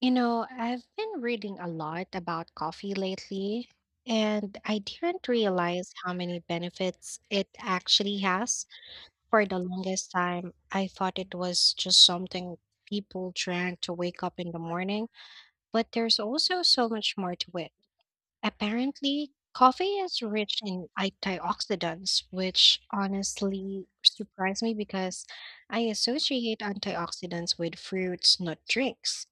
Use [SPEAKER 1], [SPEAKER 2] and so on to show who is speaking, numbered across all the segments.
[SPEAKER 1] You know, I've been reading a lot about coffee lately, and I didn't realize how many benefits it actually has. For the longest time, I thought it was just something people drank to wake up in the morning, but there's also so much more to it. Apparently, coffee is rich in antioxidants, which honestly surprised me because I associate antioxidants with fruits, not drinks.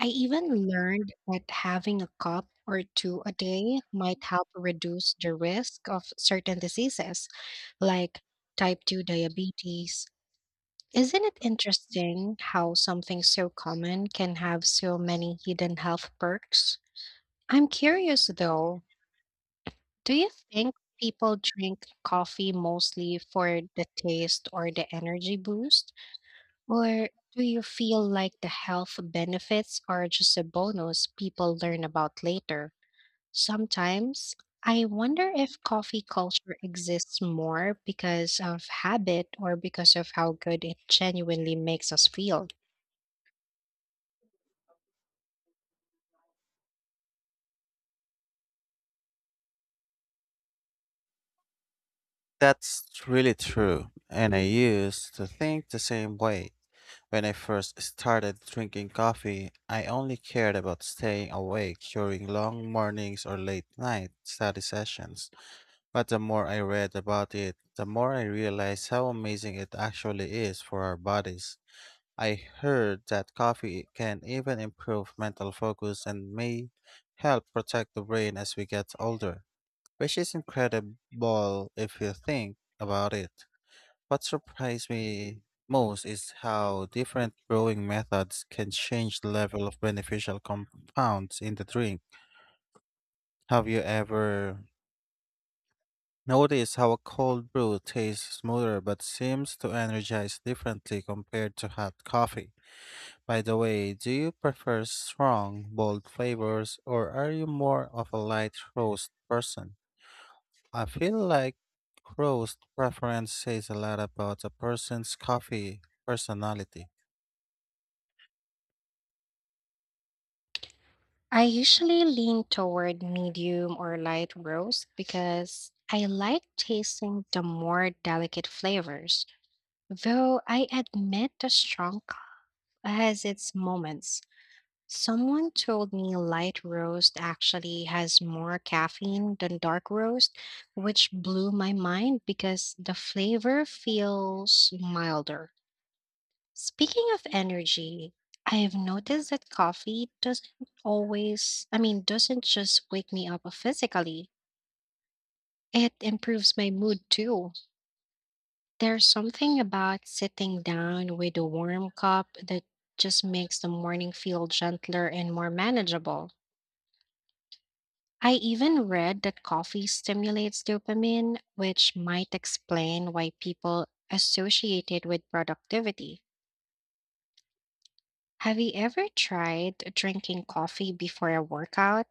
[SPEAKER 1] I even learned that having a cup or two a day might help reduce the risk of certain diseases like type 2 diabetes. Isn't it interesting how something so common can have so many hidden health perks? I'm curious though, do you think people drink coffee mostly for the taste or the energy boost? Or do you feel like the health benefits are just a bonus people learn about later? Sometimes I wonder if coffee culture exists more because of habit or because of how good it genuinely makes us feel.
[SPEAKER 2] That's really true, and I used to think the same way. When I first started drinking coffee, I only cared about staying awake during long mornings or late night study sessions. But the more I read about it, the more I realized how amazing it actually is for our bodies. I heard that coffee can even improve mental focus and may help protect the brain as we get older, which is incredible if you think about it. What surprised me most is how different brewing methods can change the level of beneficial compounds in the drink. Have you ever noticed how a cold brew tastes smoother but seems to energize differently compared to hot coffee? By the way, do you prefer strong, bold flavors or are you more of a light roast person? I feel like roast preference says a lot about a person's coffee personality.
[SPEAKER 1] I usually lean toward medium or light roast because I like tasting the more delicate flavors, though I admit the has its moments. Someone told me light roast actually has more caffeine than dark roast, which blew my mind because the flavor feels milder. Speaking of energy, I've noticed that coffee doesn't always, I mean, doesn't just wake me up physically. It improves my mood too. There's something about sitting down with a warm cup that just makes the morning feel gentler and more manageable. I even read that coffee stimulates dopamine, which might explain why people associate it with productivity. Have you ever tried drinking coffee before a workout?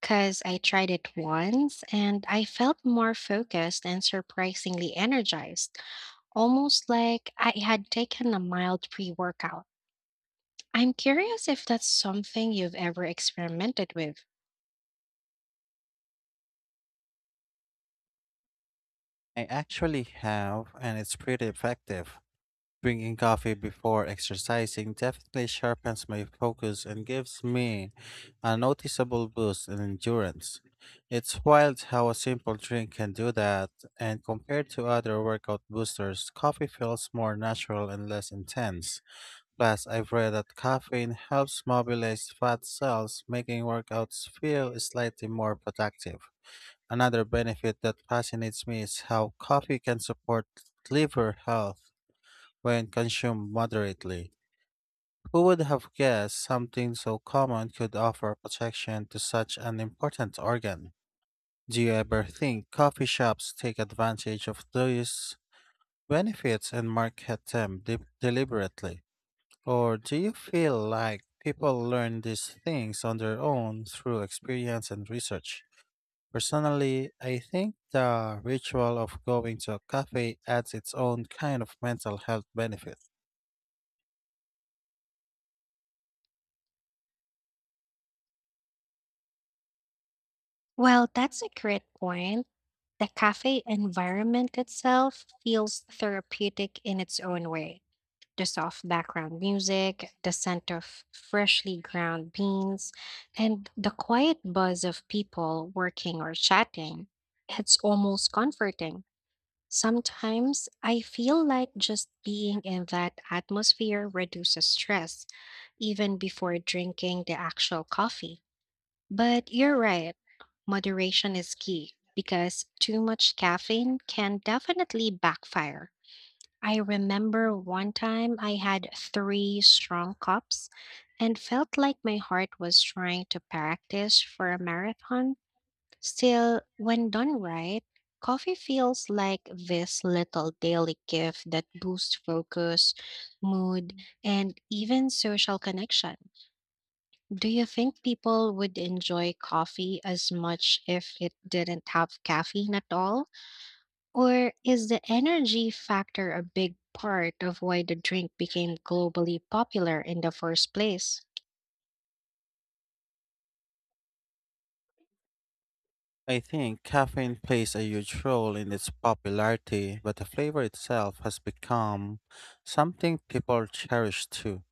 [SPEAKER 1] Because I tried it once and I felt more focused and surprisingly energized, almost like I had taken a mild pre workout. I'm curious if that's something you've ever experimented with.
[SPEAKER 2] I actually have, and it's pretty effective. Drinking coffee before exercising definitely sharpens my focus and gives me a noticeable boost in endurance. It's wild how a simple drink can do that, and compared to other workout boosters, coffee feels more natural and less intense. Plus, I've read that caffeine helps mobilize fat cells, making workouts feel slightly more productive. Another benefit that fascinates me is how coffee can support liver health when consumed moderately. Who would have guessed something so common could offer protection to such an important organ? Do you ever think coffee shops take advantage of those benefits and market them deliberately? Or do you feel like people learn these things on their own through experience and research? Personally, I think the ritual of going to a cafe adds its own kind of mental health benefit.
[SPEAKER 1] Well, that's a great point. The cafe environment itself feels therapeutic in its own way. The soft background music, the scent of freshly ground beans, and the quiet buzz of people working or chatting. It's almost comforting. Sometimes I feel like just being in that atmosphere reduces stress, even before drinking the actual coffee. But you're right, moderation is key because too much caffeine can definitely backfire. I remember one time I had three strong cups and felt like my heart was trying to practice for a marathon. Still, when done right, coffee feels like this little daily gift that boosts focus, mood, and even social connection. Do you think people would enjoy coffee as much if it didn't have caffeine at all? Or is the energy factor a big part of why the drink became globally popular in the first place?
[SPEAKER 2] I think caffeine plays a huge role in its popularity, but the flavor itself has become something people cherish too.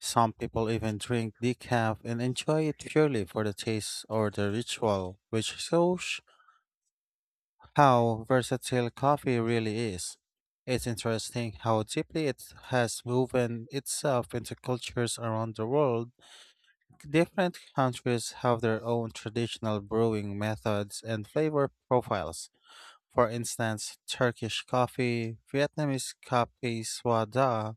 [SPEAKER 2] Some people even drink decaf and enjoy it purely for the taste or the ritual, which shows how versatile coffee really is. It's interesting how deeply it has woven itself into cultures around the world. Different countries have their own traditional brewing methods and flavor profiles. For instance, Turkish coffee, Vietnamese coffee swada,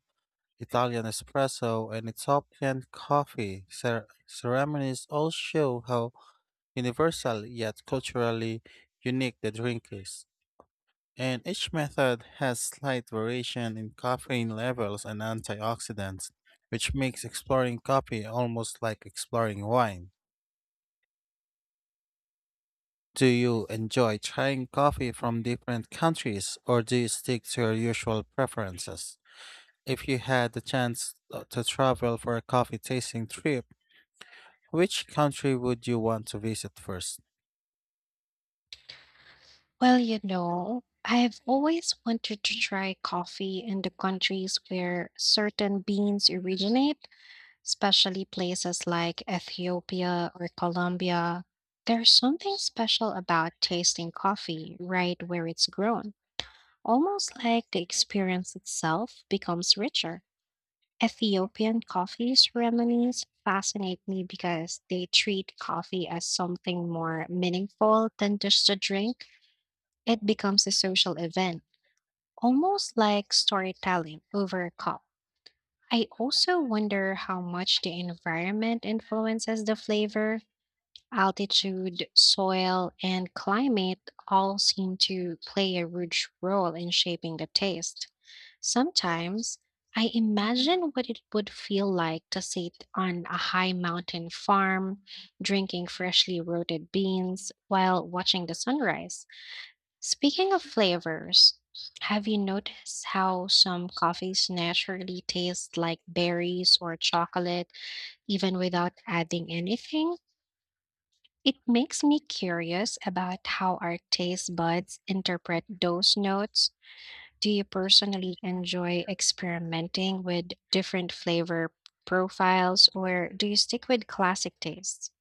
[SPEAKER 2] Italian espresso, and Ethiopian coffee ceremonies all show how universal yet culturally unique the drink is. And each method has slight variation in caffeine levels and antioxidants, which makes exploring coffee almost like exploring wine. Do you enjoy trying coffee from different countries or do you stick to your usual preferences? If you had the chance to travel for a coffee tasting trip, which country would you want to visit first?
[SPEAKER 1] Well, you know, I've always wanted to try coffee in the countries where certain beans originate, especially places like Ethiopia or Colombia. There's something special about tasting coffee right where it's grown. Almost like the experience itself becomes richer. Ethiopian coffee ceremonies fascinate me because they treat coffee as something more meaningful than just a drink. It becomes a social event, almost like storytelling over a cup. I also wonder how much the environment influences the flavor. Altitude, soil, and climate all seem to play a huge role in shaping the taste. Sometimes I imagine what it would feel like to sit on a high mountain farm, drinking freshly roasted beans while watching the sunrise. Speaking of flavors, have you noticed how some coffees naturally taste like berries or chocolate even without adding anything? It makes me curious about how our taste buds interpret those notes. Do you personally enjoy experimenting with different flavor profiles or do you stick with classic tastes?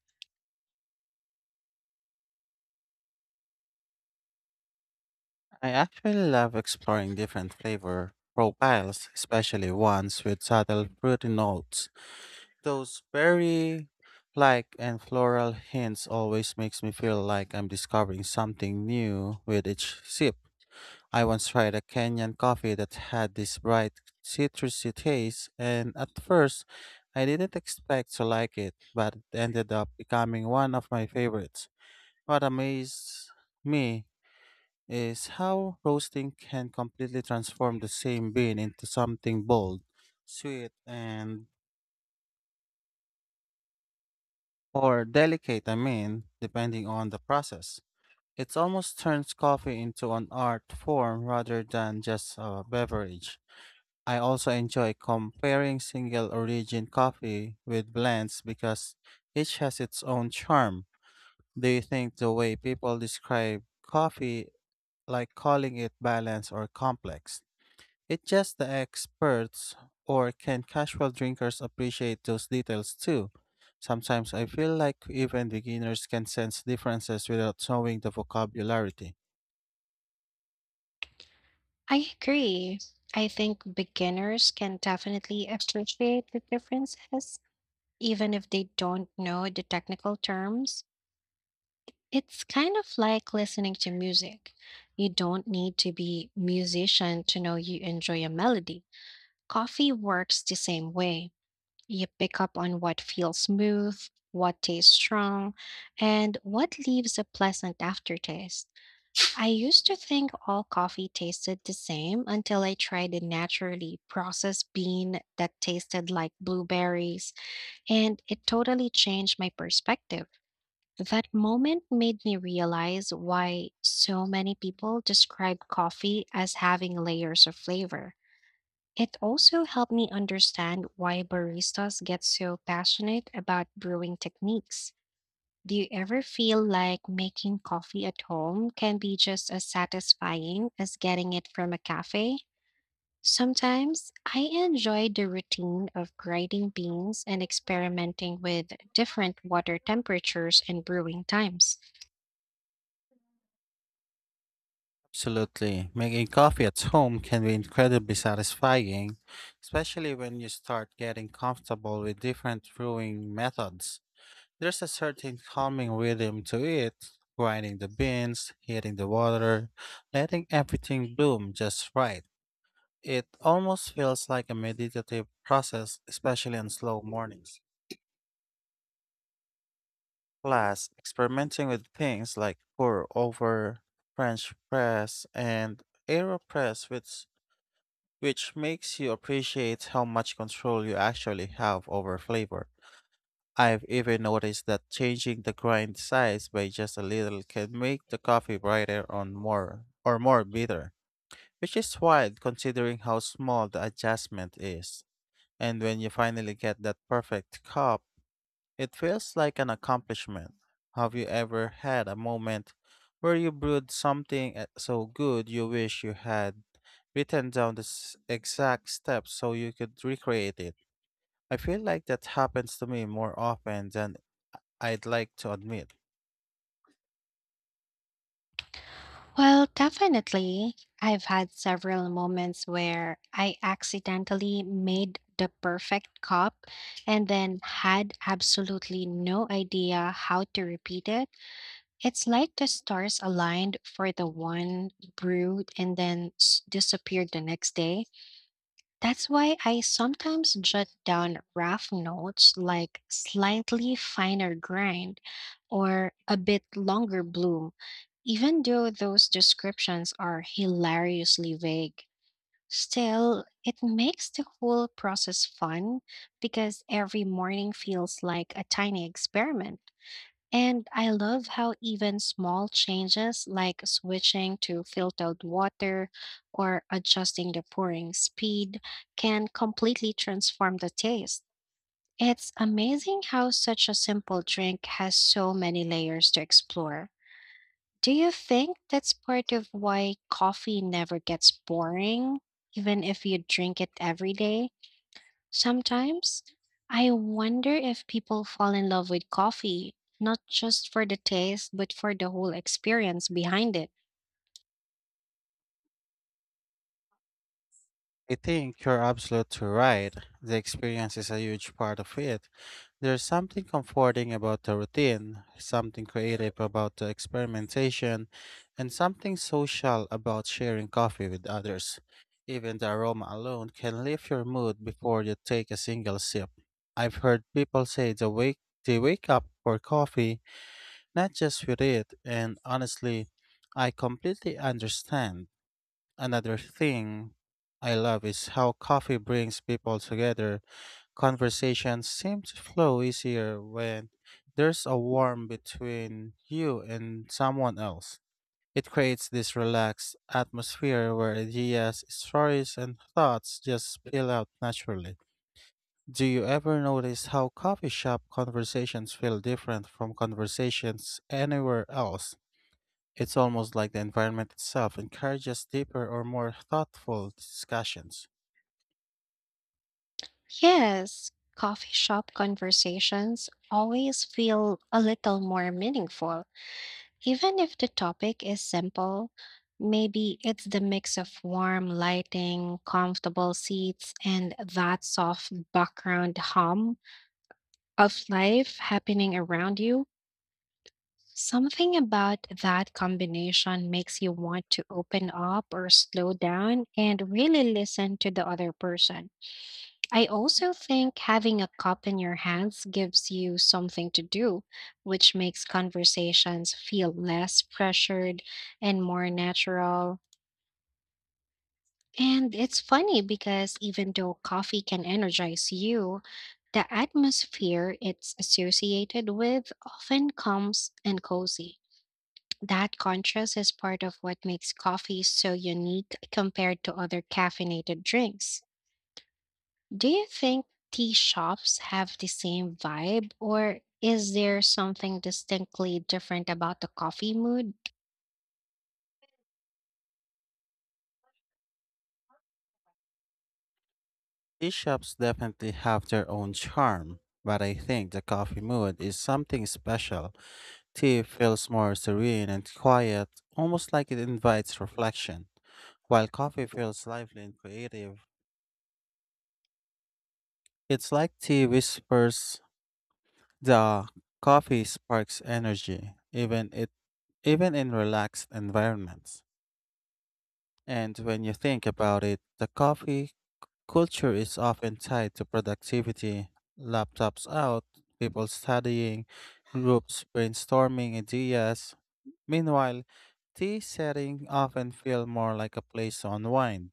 [SPEAKER 2] I actually love exploring different flavor profiles, especially ones with subtle fruity notes. Those berry like and floral hints always makes me feel like I'm discovering something new with each sip. I once tried a Kenyan coffee that had this bright citrusy taste and at first I didn't expect to like it, but it ended up becoming one of my favorites. What amazed me is how roasting can completely transform the same bean into something bold, sweet, and or delicate, I mean, depending on the process. It almost turns coffee into an art form rather than just a beverage. I also enjoy comparing single origin coffee with blends because each has its own charm. Do you think the way people describe coffee, like calling it balanced or complex, it's just the experts or can casual drinkers appreciate those details too? Sometimes I feel like even beginners can sense differences without knowing the vocabulary.
[SPEAKER 1] I agree. I think beginners can definitely appreciate the differences, even if they don't know the technical terms. It's kind of like listening to music. You don't need to be musician to know you enjoy a melody. Coffee works the same way. You pick up on what feels smooth, what tastes strong, and what leaves a pleasant aftertaste. I used to think all coffee tasted the same until I tried a naturally processed bean that tasted like blueberries, and it totally changed my perspective. That moment made me realize why so many people describe coffee as having layers of flavor. It also helped me understand why baristas get so passionate about brewing techniques. Do you ever feel like making coffee at home can be just as satisfying as getting it from a cafe? Sometimes I enjoy the routine of grinding beans and experimenting with different water temperatures and brewing times.
[SPEAKER 2] Absolutely. Making coffee at home can be incredibly satisfying, especially when you start getting comfortable with different brewing methods. There's a certain calming rhythm to it, grinding the beans, heating the water, letting everything bloom just right. It almost feels like a meditative process, especially on slow mornings. Plus, experimenting with things like pour over, French press, and AeroPress, which makes you appreciate how much control you actually have over flavor. I've even noticed that changing the grind size by just a little can make the coffee brighter on more or more bitter, which is wild considering how small the adjustment is. And when you finally get that perfect cup, it feels like an accomplishment. Have you ever had a moment where you brewed something so good you wish you had written down the exact steps so you could recreate it? I feel like that happens to me more often than I'd like to admit.
[SPEAKER 1] Well, definitely. I've had several moments where I accidentally made the perfect cup and then had absolutely no idea how to repeat it. It's like the stars aligned for the one brewed and then disappeared the next day. That's why I sometimes jot down rough notes like slightly finer grind or a bit longer bloom, even though those descriptions are hilariously vague. Still, it makes the whole process fun because every morning feels like a tiny experiment. And I love how even small changes like switching to filtered water or adjusting the pouring speed can completely transform the taste. It's amazing how such a simple drink has so many layers to explore. Do you think that's part of why coffee never gets boring, even if you drink it every day? Sometimes I wonder if people fall in love with coffee, not just for the taste, but for the whole experience behind it.
[SPEAKER 2] I think you're absolutely right. The experience is a huge part of it. There's something comforting about the routine, something creative about the experimentation, and something social about sharing coffee with others. Even the aroma alone can lift your mood before you take a single sip. I've heard people say they wake up for coffee, not just with it, and honestly, I completely understand. Another thing I love is how coffee brings people together. Conversations seem to flow easier when there's a warmth between you and someone else. It creates this relaxed atmosphere where ideas, stories, and thoughts just spill out naturally. Do you ever notice how coffee shop conversations feel different from conversations anywhere else? It's almost like the environment itself encourages deeper or more thoughtful discussions.
[SPEAKER 1] Yes, coffee shop conversations always feel a little more meaningful, even if the topic is simple. Maybe it's the mix of warm lighting, comfortable seats, and that soft background hum of life happening around you. Something about that combination makes you want to open up or slow down and really listen to the other person. I also think having a cup in your hands gives you something to do, which makes conversations feel less pressured and more natural. And it's funny because even though coffee can energize you, the atmosphere it's associated with often comes and cozy. That contrast is part of what makes coffee so unique compared to other caffeinated drinks. Do you think tea shops have the same vibe, or is there something distinctly different about the coffee mood?
[SPEAKER 2] Tea shops definitely have their own charm, but I think the coffee mood is something special. Tea feels more serene and quiet, almost like it invites reflection, while coffee feels lively and creative. It's like tea whispers the coffee sparks energy, even in relaxed environments. And when you think about it, the coffee culture is often tied to productivity, laptops out, people studying, groups brainstorming ideas. Meanwhile, tea setting often feel more like a place to unwind.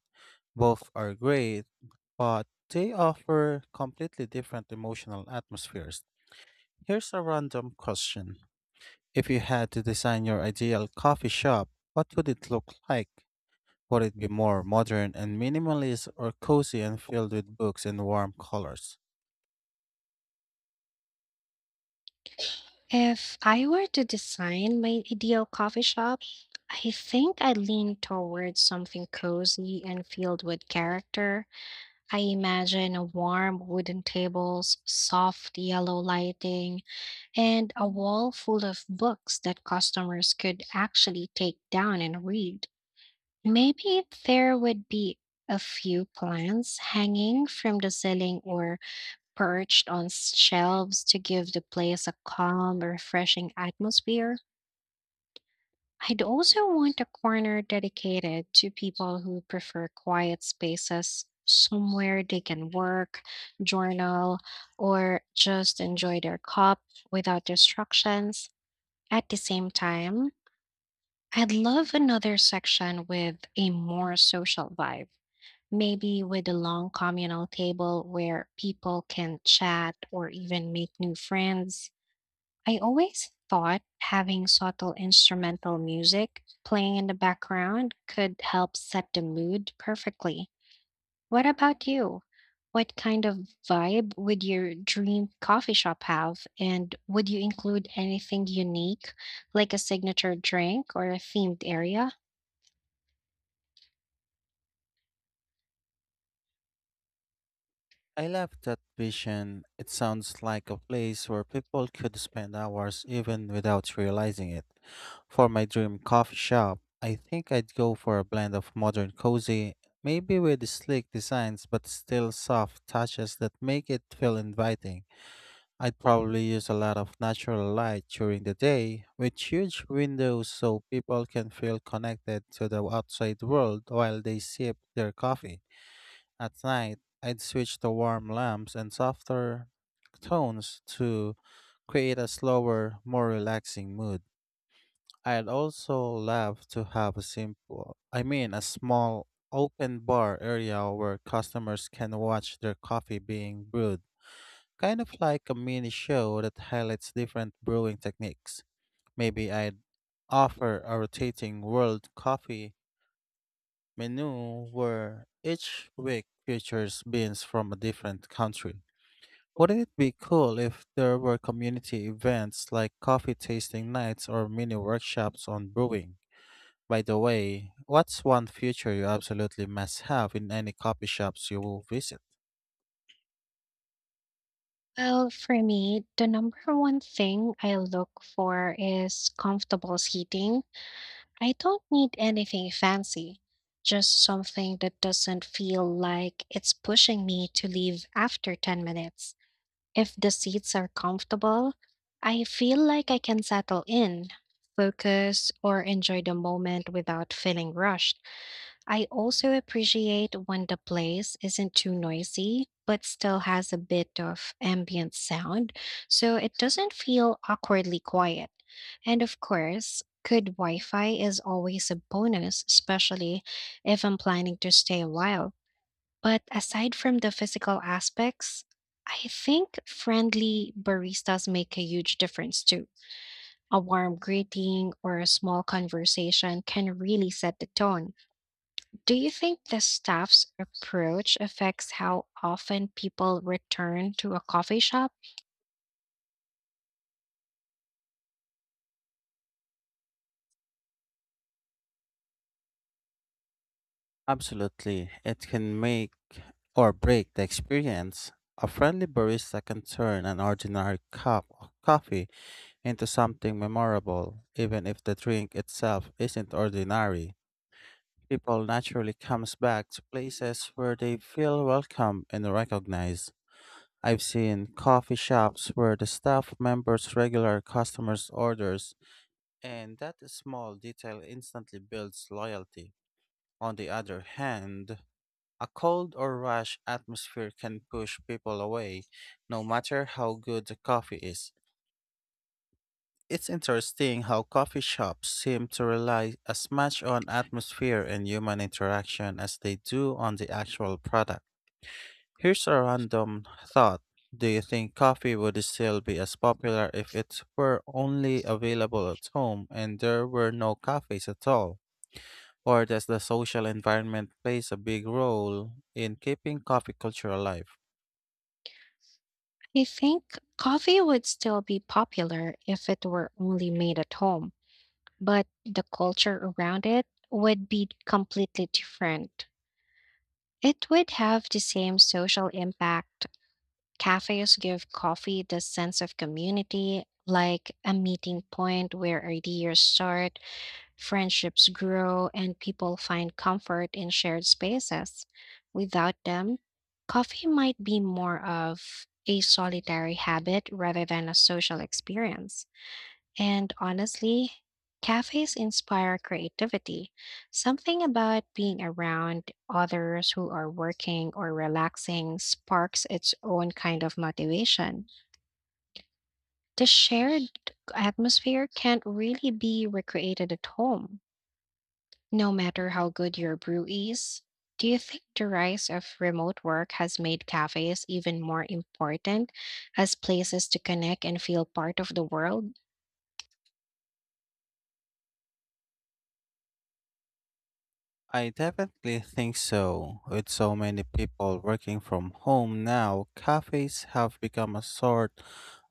[SPEAKER 2] Both are great, but they offer completely different emotional atmospheres. Here's a random question. If you had to design your ideal coffee shop, what would it look like? Would it be more modern and minimalist or cozy and filled with books and warm colors?
[SPEAKER 1] If I were to design my ideal coffee shop, I think I'd lean towards something cozy and filled with character. I imagine a warm wooden tables, soft yellow lighting, and a wall full of books that customers could actually take down and read. Maybe there would be a few plants hanging from the ceiling or perched on shelves to give the place a calm, refreshing atmosphere. I'd also want a corner dedicated to people who prefer quiet spaces, somewhere they can work, journal, or just enjoy their cup without distractions. At the same time, I'd love another section with a more social vibe, maybe with a long communal table where people can chat or even make new friends. I always thought having subtle instrumental music playing in the background could help set the mood perfectly. What about you? What kind of vibe would your dream coffee shop have? And would you include anything unique, like a signature drink or a themed area?
[SPEAKER 2] I love that vision. It sounds like a place where people could spend hours even without realizing it. For my dream coffee shop, I think I'd go for a blend of modern cozy, maybe with sleek designs but still soft touches that make it feel inviting. I'd probably use a lot of natural light during the day, with huge windows so people can feel connected to the outside world while they sip their coffee. At night, I'd switch to warm lamps and softer tones to create a slower, more relaxing mood. I'd also love to have a simple, I mean, a small open bar area where customers can watch their coffee being brewed, kind of like a mini show that highlights different brewing techniques. Maybe I'd offer a rotating world coffee menu where each week features beans from a different country. Wouldn't it be cool if there were community events like coffee tasting nights or mini workshops on brewing? By the way, what's one feature you absolutely must have in any coffee shops you will visit?
[SPEAKER 1] Well, for me, the number one thing I look for is comfortable seating. I don't need anything fancy, just something that doesn't feel like it's pushing me to leave after 10 minutes. If the seats are comfortable, I feel like I can settle in, focus, or enjoy the moment without feeling rushed. I also appreciate when the place isn't too noisy, but still has a bit of ambient sound, so it doesn't feel awkwardly quiet. And of course, good Wi Fi is always a bonus, especially if I'm planning to stay a while. But aside from the physical aspects, I think friendly baristas make a huge difference too. A warm greeting or a small conversation can really set the tone. Do you think the staff's approach affects how often people return to a coffee shop?
[SPEAKER 2] Absolutely. It can make or break the experience. A friendly barista can turn an ordinary cup of coffee into something memorable, even if the drink itself isn't ordinary. People naturally comes back to places where they feel welcome and recognized. I've seen coffee shops where the staff members regular customers' orders, and that small detail instantly builds loyalty. On the other hand, a cold or rash atmosphere can push people away, no matter how good the coffee is. It's interesting how coffee shops seem to rely as much on atmosphere and human interaction as they do on the actual product. Here's a random thought. Do you think coffee would still be as popular if it were only available at home and there were no cafes at all? Or does the social environment plays a big role in keeping coffee culture alive?
[SPEAKER 1] I think coffee would still be popular if it were only made at home, but the culture around it would be completely different. It would have the same social impact. Cafes give coffee the sense of community, like a meeting point where ideas start, friendships grow, and people find comfort in shared spaces. Without them, coffee might be more of a solitary habit rather than a social experience. And honestly, cafes inspire creativity. Something about being around others who are working or relaxing sparks its own kind of motivation. The shared atmosphere can't really be recreated at home, no matter how good your brew is. Do you think the rise of remote work has made cafes even more important as places to connect and feel part of the world?
[SPEAKER 2] I definitely think so. With so many people working from home now, cafes have become a sort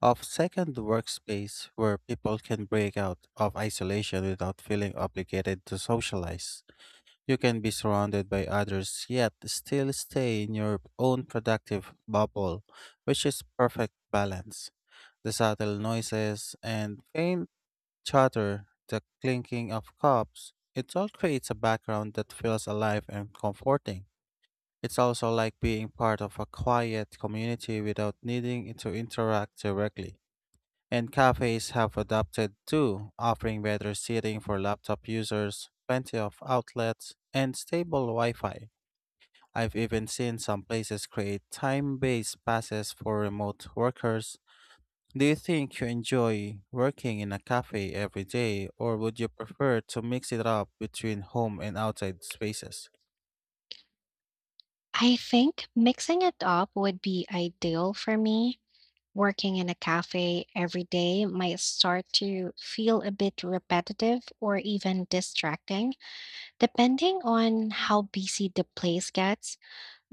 [SPEAKER 2] of second workspace where people can break out of isolation without feeling obligated to socialize. You can be surrounded by others yet still stay in your own productive bubble, which is perfect balance. The subtle noises and faint chatter, the clinking of cups, it all creates a background that feels alive and comforting. It's also like being part of a quiet community without needing to interact directly. And cafes have adapted too, offering better seating for laptop users, plenty of outlets, and stable Wi Fi. I've even seen some places create time based passes for remote workers. Do you think you enjoy working in a cafe every day, or would you prefer to mix it up between home and outside spaces?
[SPEAKER 1] I think mixing it up would be ideal for me. Working in a cafe every day might start to feel a bit repetitive or even distracting, depending on how busy the place gets.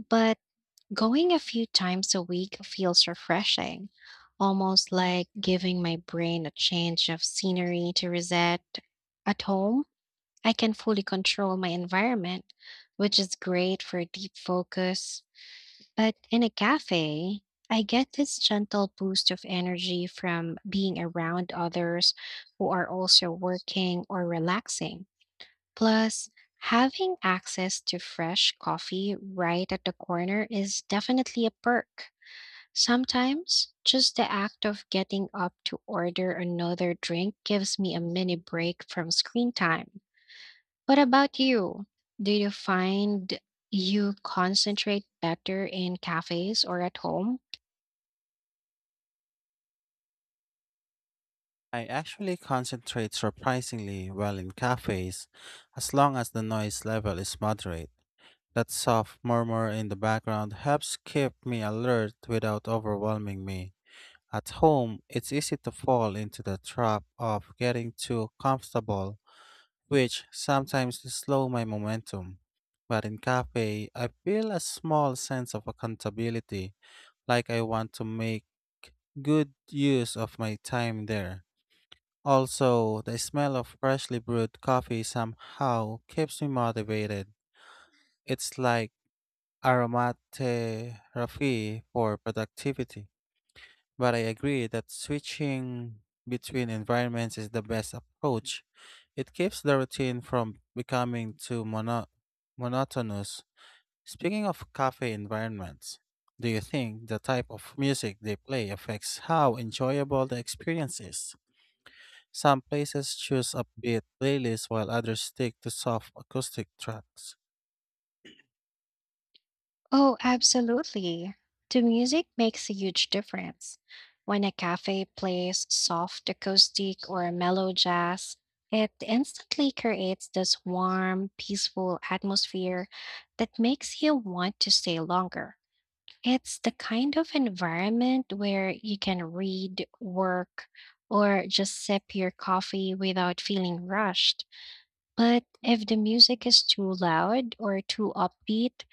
[SPEAKER 1] But going a few times a week feels refreshing, almost like giving my brain a change of scenery to reset. At home, I can fully control my environment, which is great for deep focus but in a cafe, I get this gentle boost of energy from being around others who are also working or relaxing. Plus, having access to fresh coffee right at the corner is definitely a perk. Sometimes, just the act of getting up to order another drink gives me a mini break from screen time. What about you? Do you find you concentrate better in cafes or at home?
[SPEAKER 2] I actually concentrate surprisingly well in cafes, as long as the noise level is moderate. That soft murmur in the background helps keep me alert without overwhelming me. At home, it's easy to fall into the trap of getting too comfortable which sometimes slow my momentum. But in cafe, I feel a small sense of accountability, like I want to make good use of my time there. Also, the smell of freshly brewed coffee somehow keeps me motivated. It's like aromatherapy for productivity. But I agree that switching between environments is the best approach. It keeps the routine from becoming too monotonous. Speaking of cafe environments, do you think the type of music they play affects how enjoyable the experience is? Some places choose upbeat playlists while others stick to soft acoustic tracks.
[SPEAKER 1] Oh, absolutely. The music makes a huge difference. When a cafe plays soft acoustic or mellow jazz, it instantly creates this warm, peaceful atmosphere that makes you want to stay longer. It's the kind of environment where you can read, work, or just sip your coffee without feeling rushed. But if the music is too loud or too upbeat,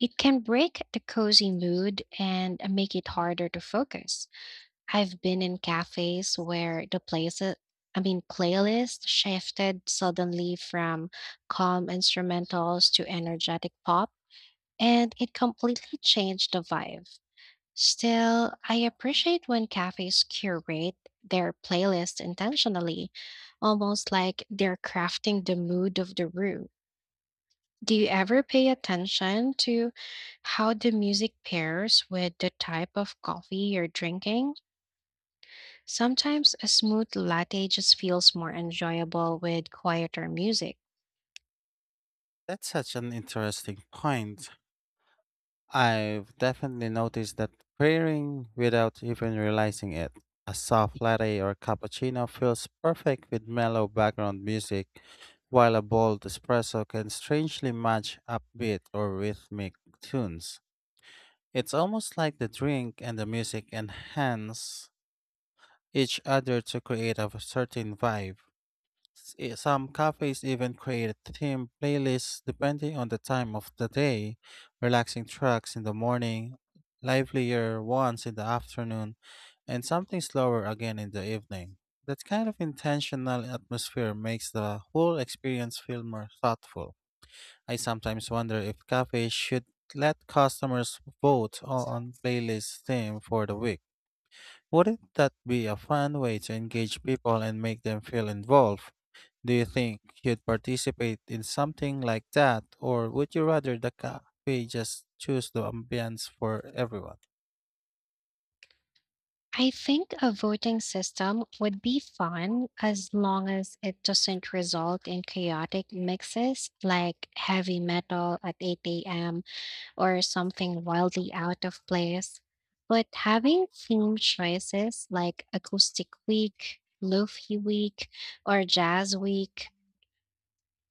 [SPEAKER 1] it can break the cozy mood and make it harder to focus. I've been in cafes where the playlist shifted suddenly from calm instrumentals to energetic pop, and it completely changed the vibe. Still, I appreciate when cafes curate their playlist intentionally, almost like they're crafting the mood of the room. Do you ever pay attention to how the music pairs with the type of coffee you're drinking? Sometimes a smooth latte just feels more enjoyable with quieter music.
[SPEAKER 2] That's such an interesting point. I've definitely noticed that pairing without even realizing it. A soft latte or cappuccino feels perfect with mellow background music, while a bold espresso can strangely match upbeat or rhythmic tunes. It's almost like the drink and the music enhance each other to create a certain vibe. Some cafes even create theme playlists depending on the time of the day, relaxing tracks in the morning, livelier ones in the afternoon, and something slower again in the evening. That kind of intentional atmosphere makes the whole experience feel more thoughtful. I sometimes wonder if cafes should let customers vote on playlist theme for the week. Wouldn't that be a fun way to engage people and make them feel involved? Do you think you'd participate in something like that, or would you rather the cafe just choose the ambience for everyone?
[SPEAKER 1] I think a voting system would be fun as long as it doesn't result in chaotic mixes like heavy metal at 8 a.m. or something wildly out of place. But having theme choices like Acoustic Week, Lofi Week, or Jazz Week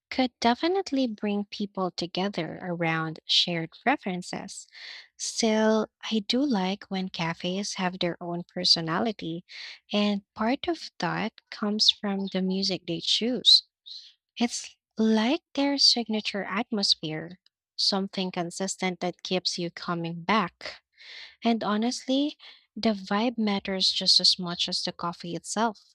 [SPEAKER 1] could definitely bring people together around shared preferences. Still, I do like when cafes have their own personality, and part of that comes from the music they choose. It's like their signature atmosphere, something consistent that keeps you coming back. And honestly, the vibe matters just as much as the coffee itself.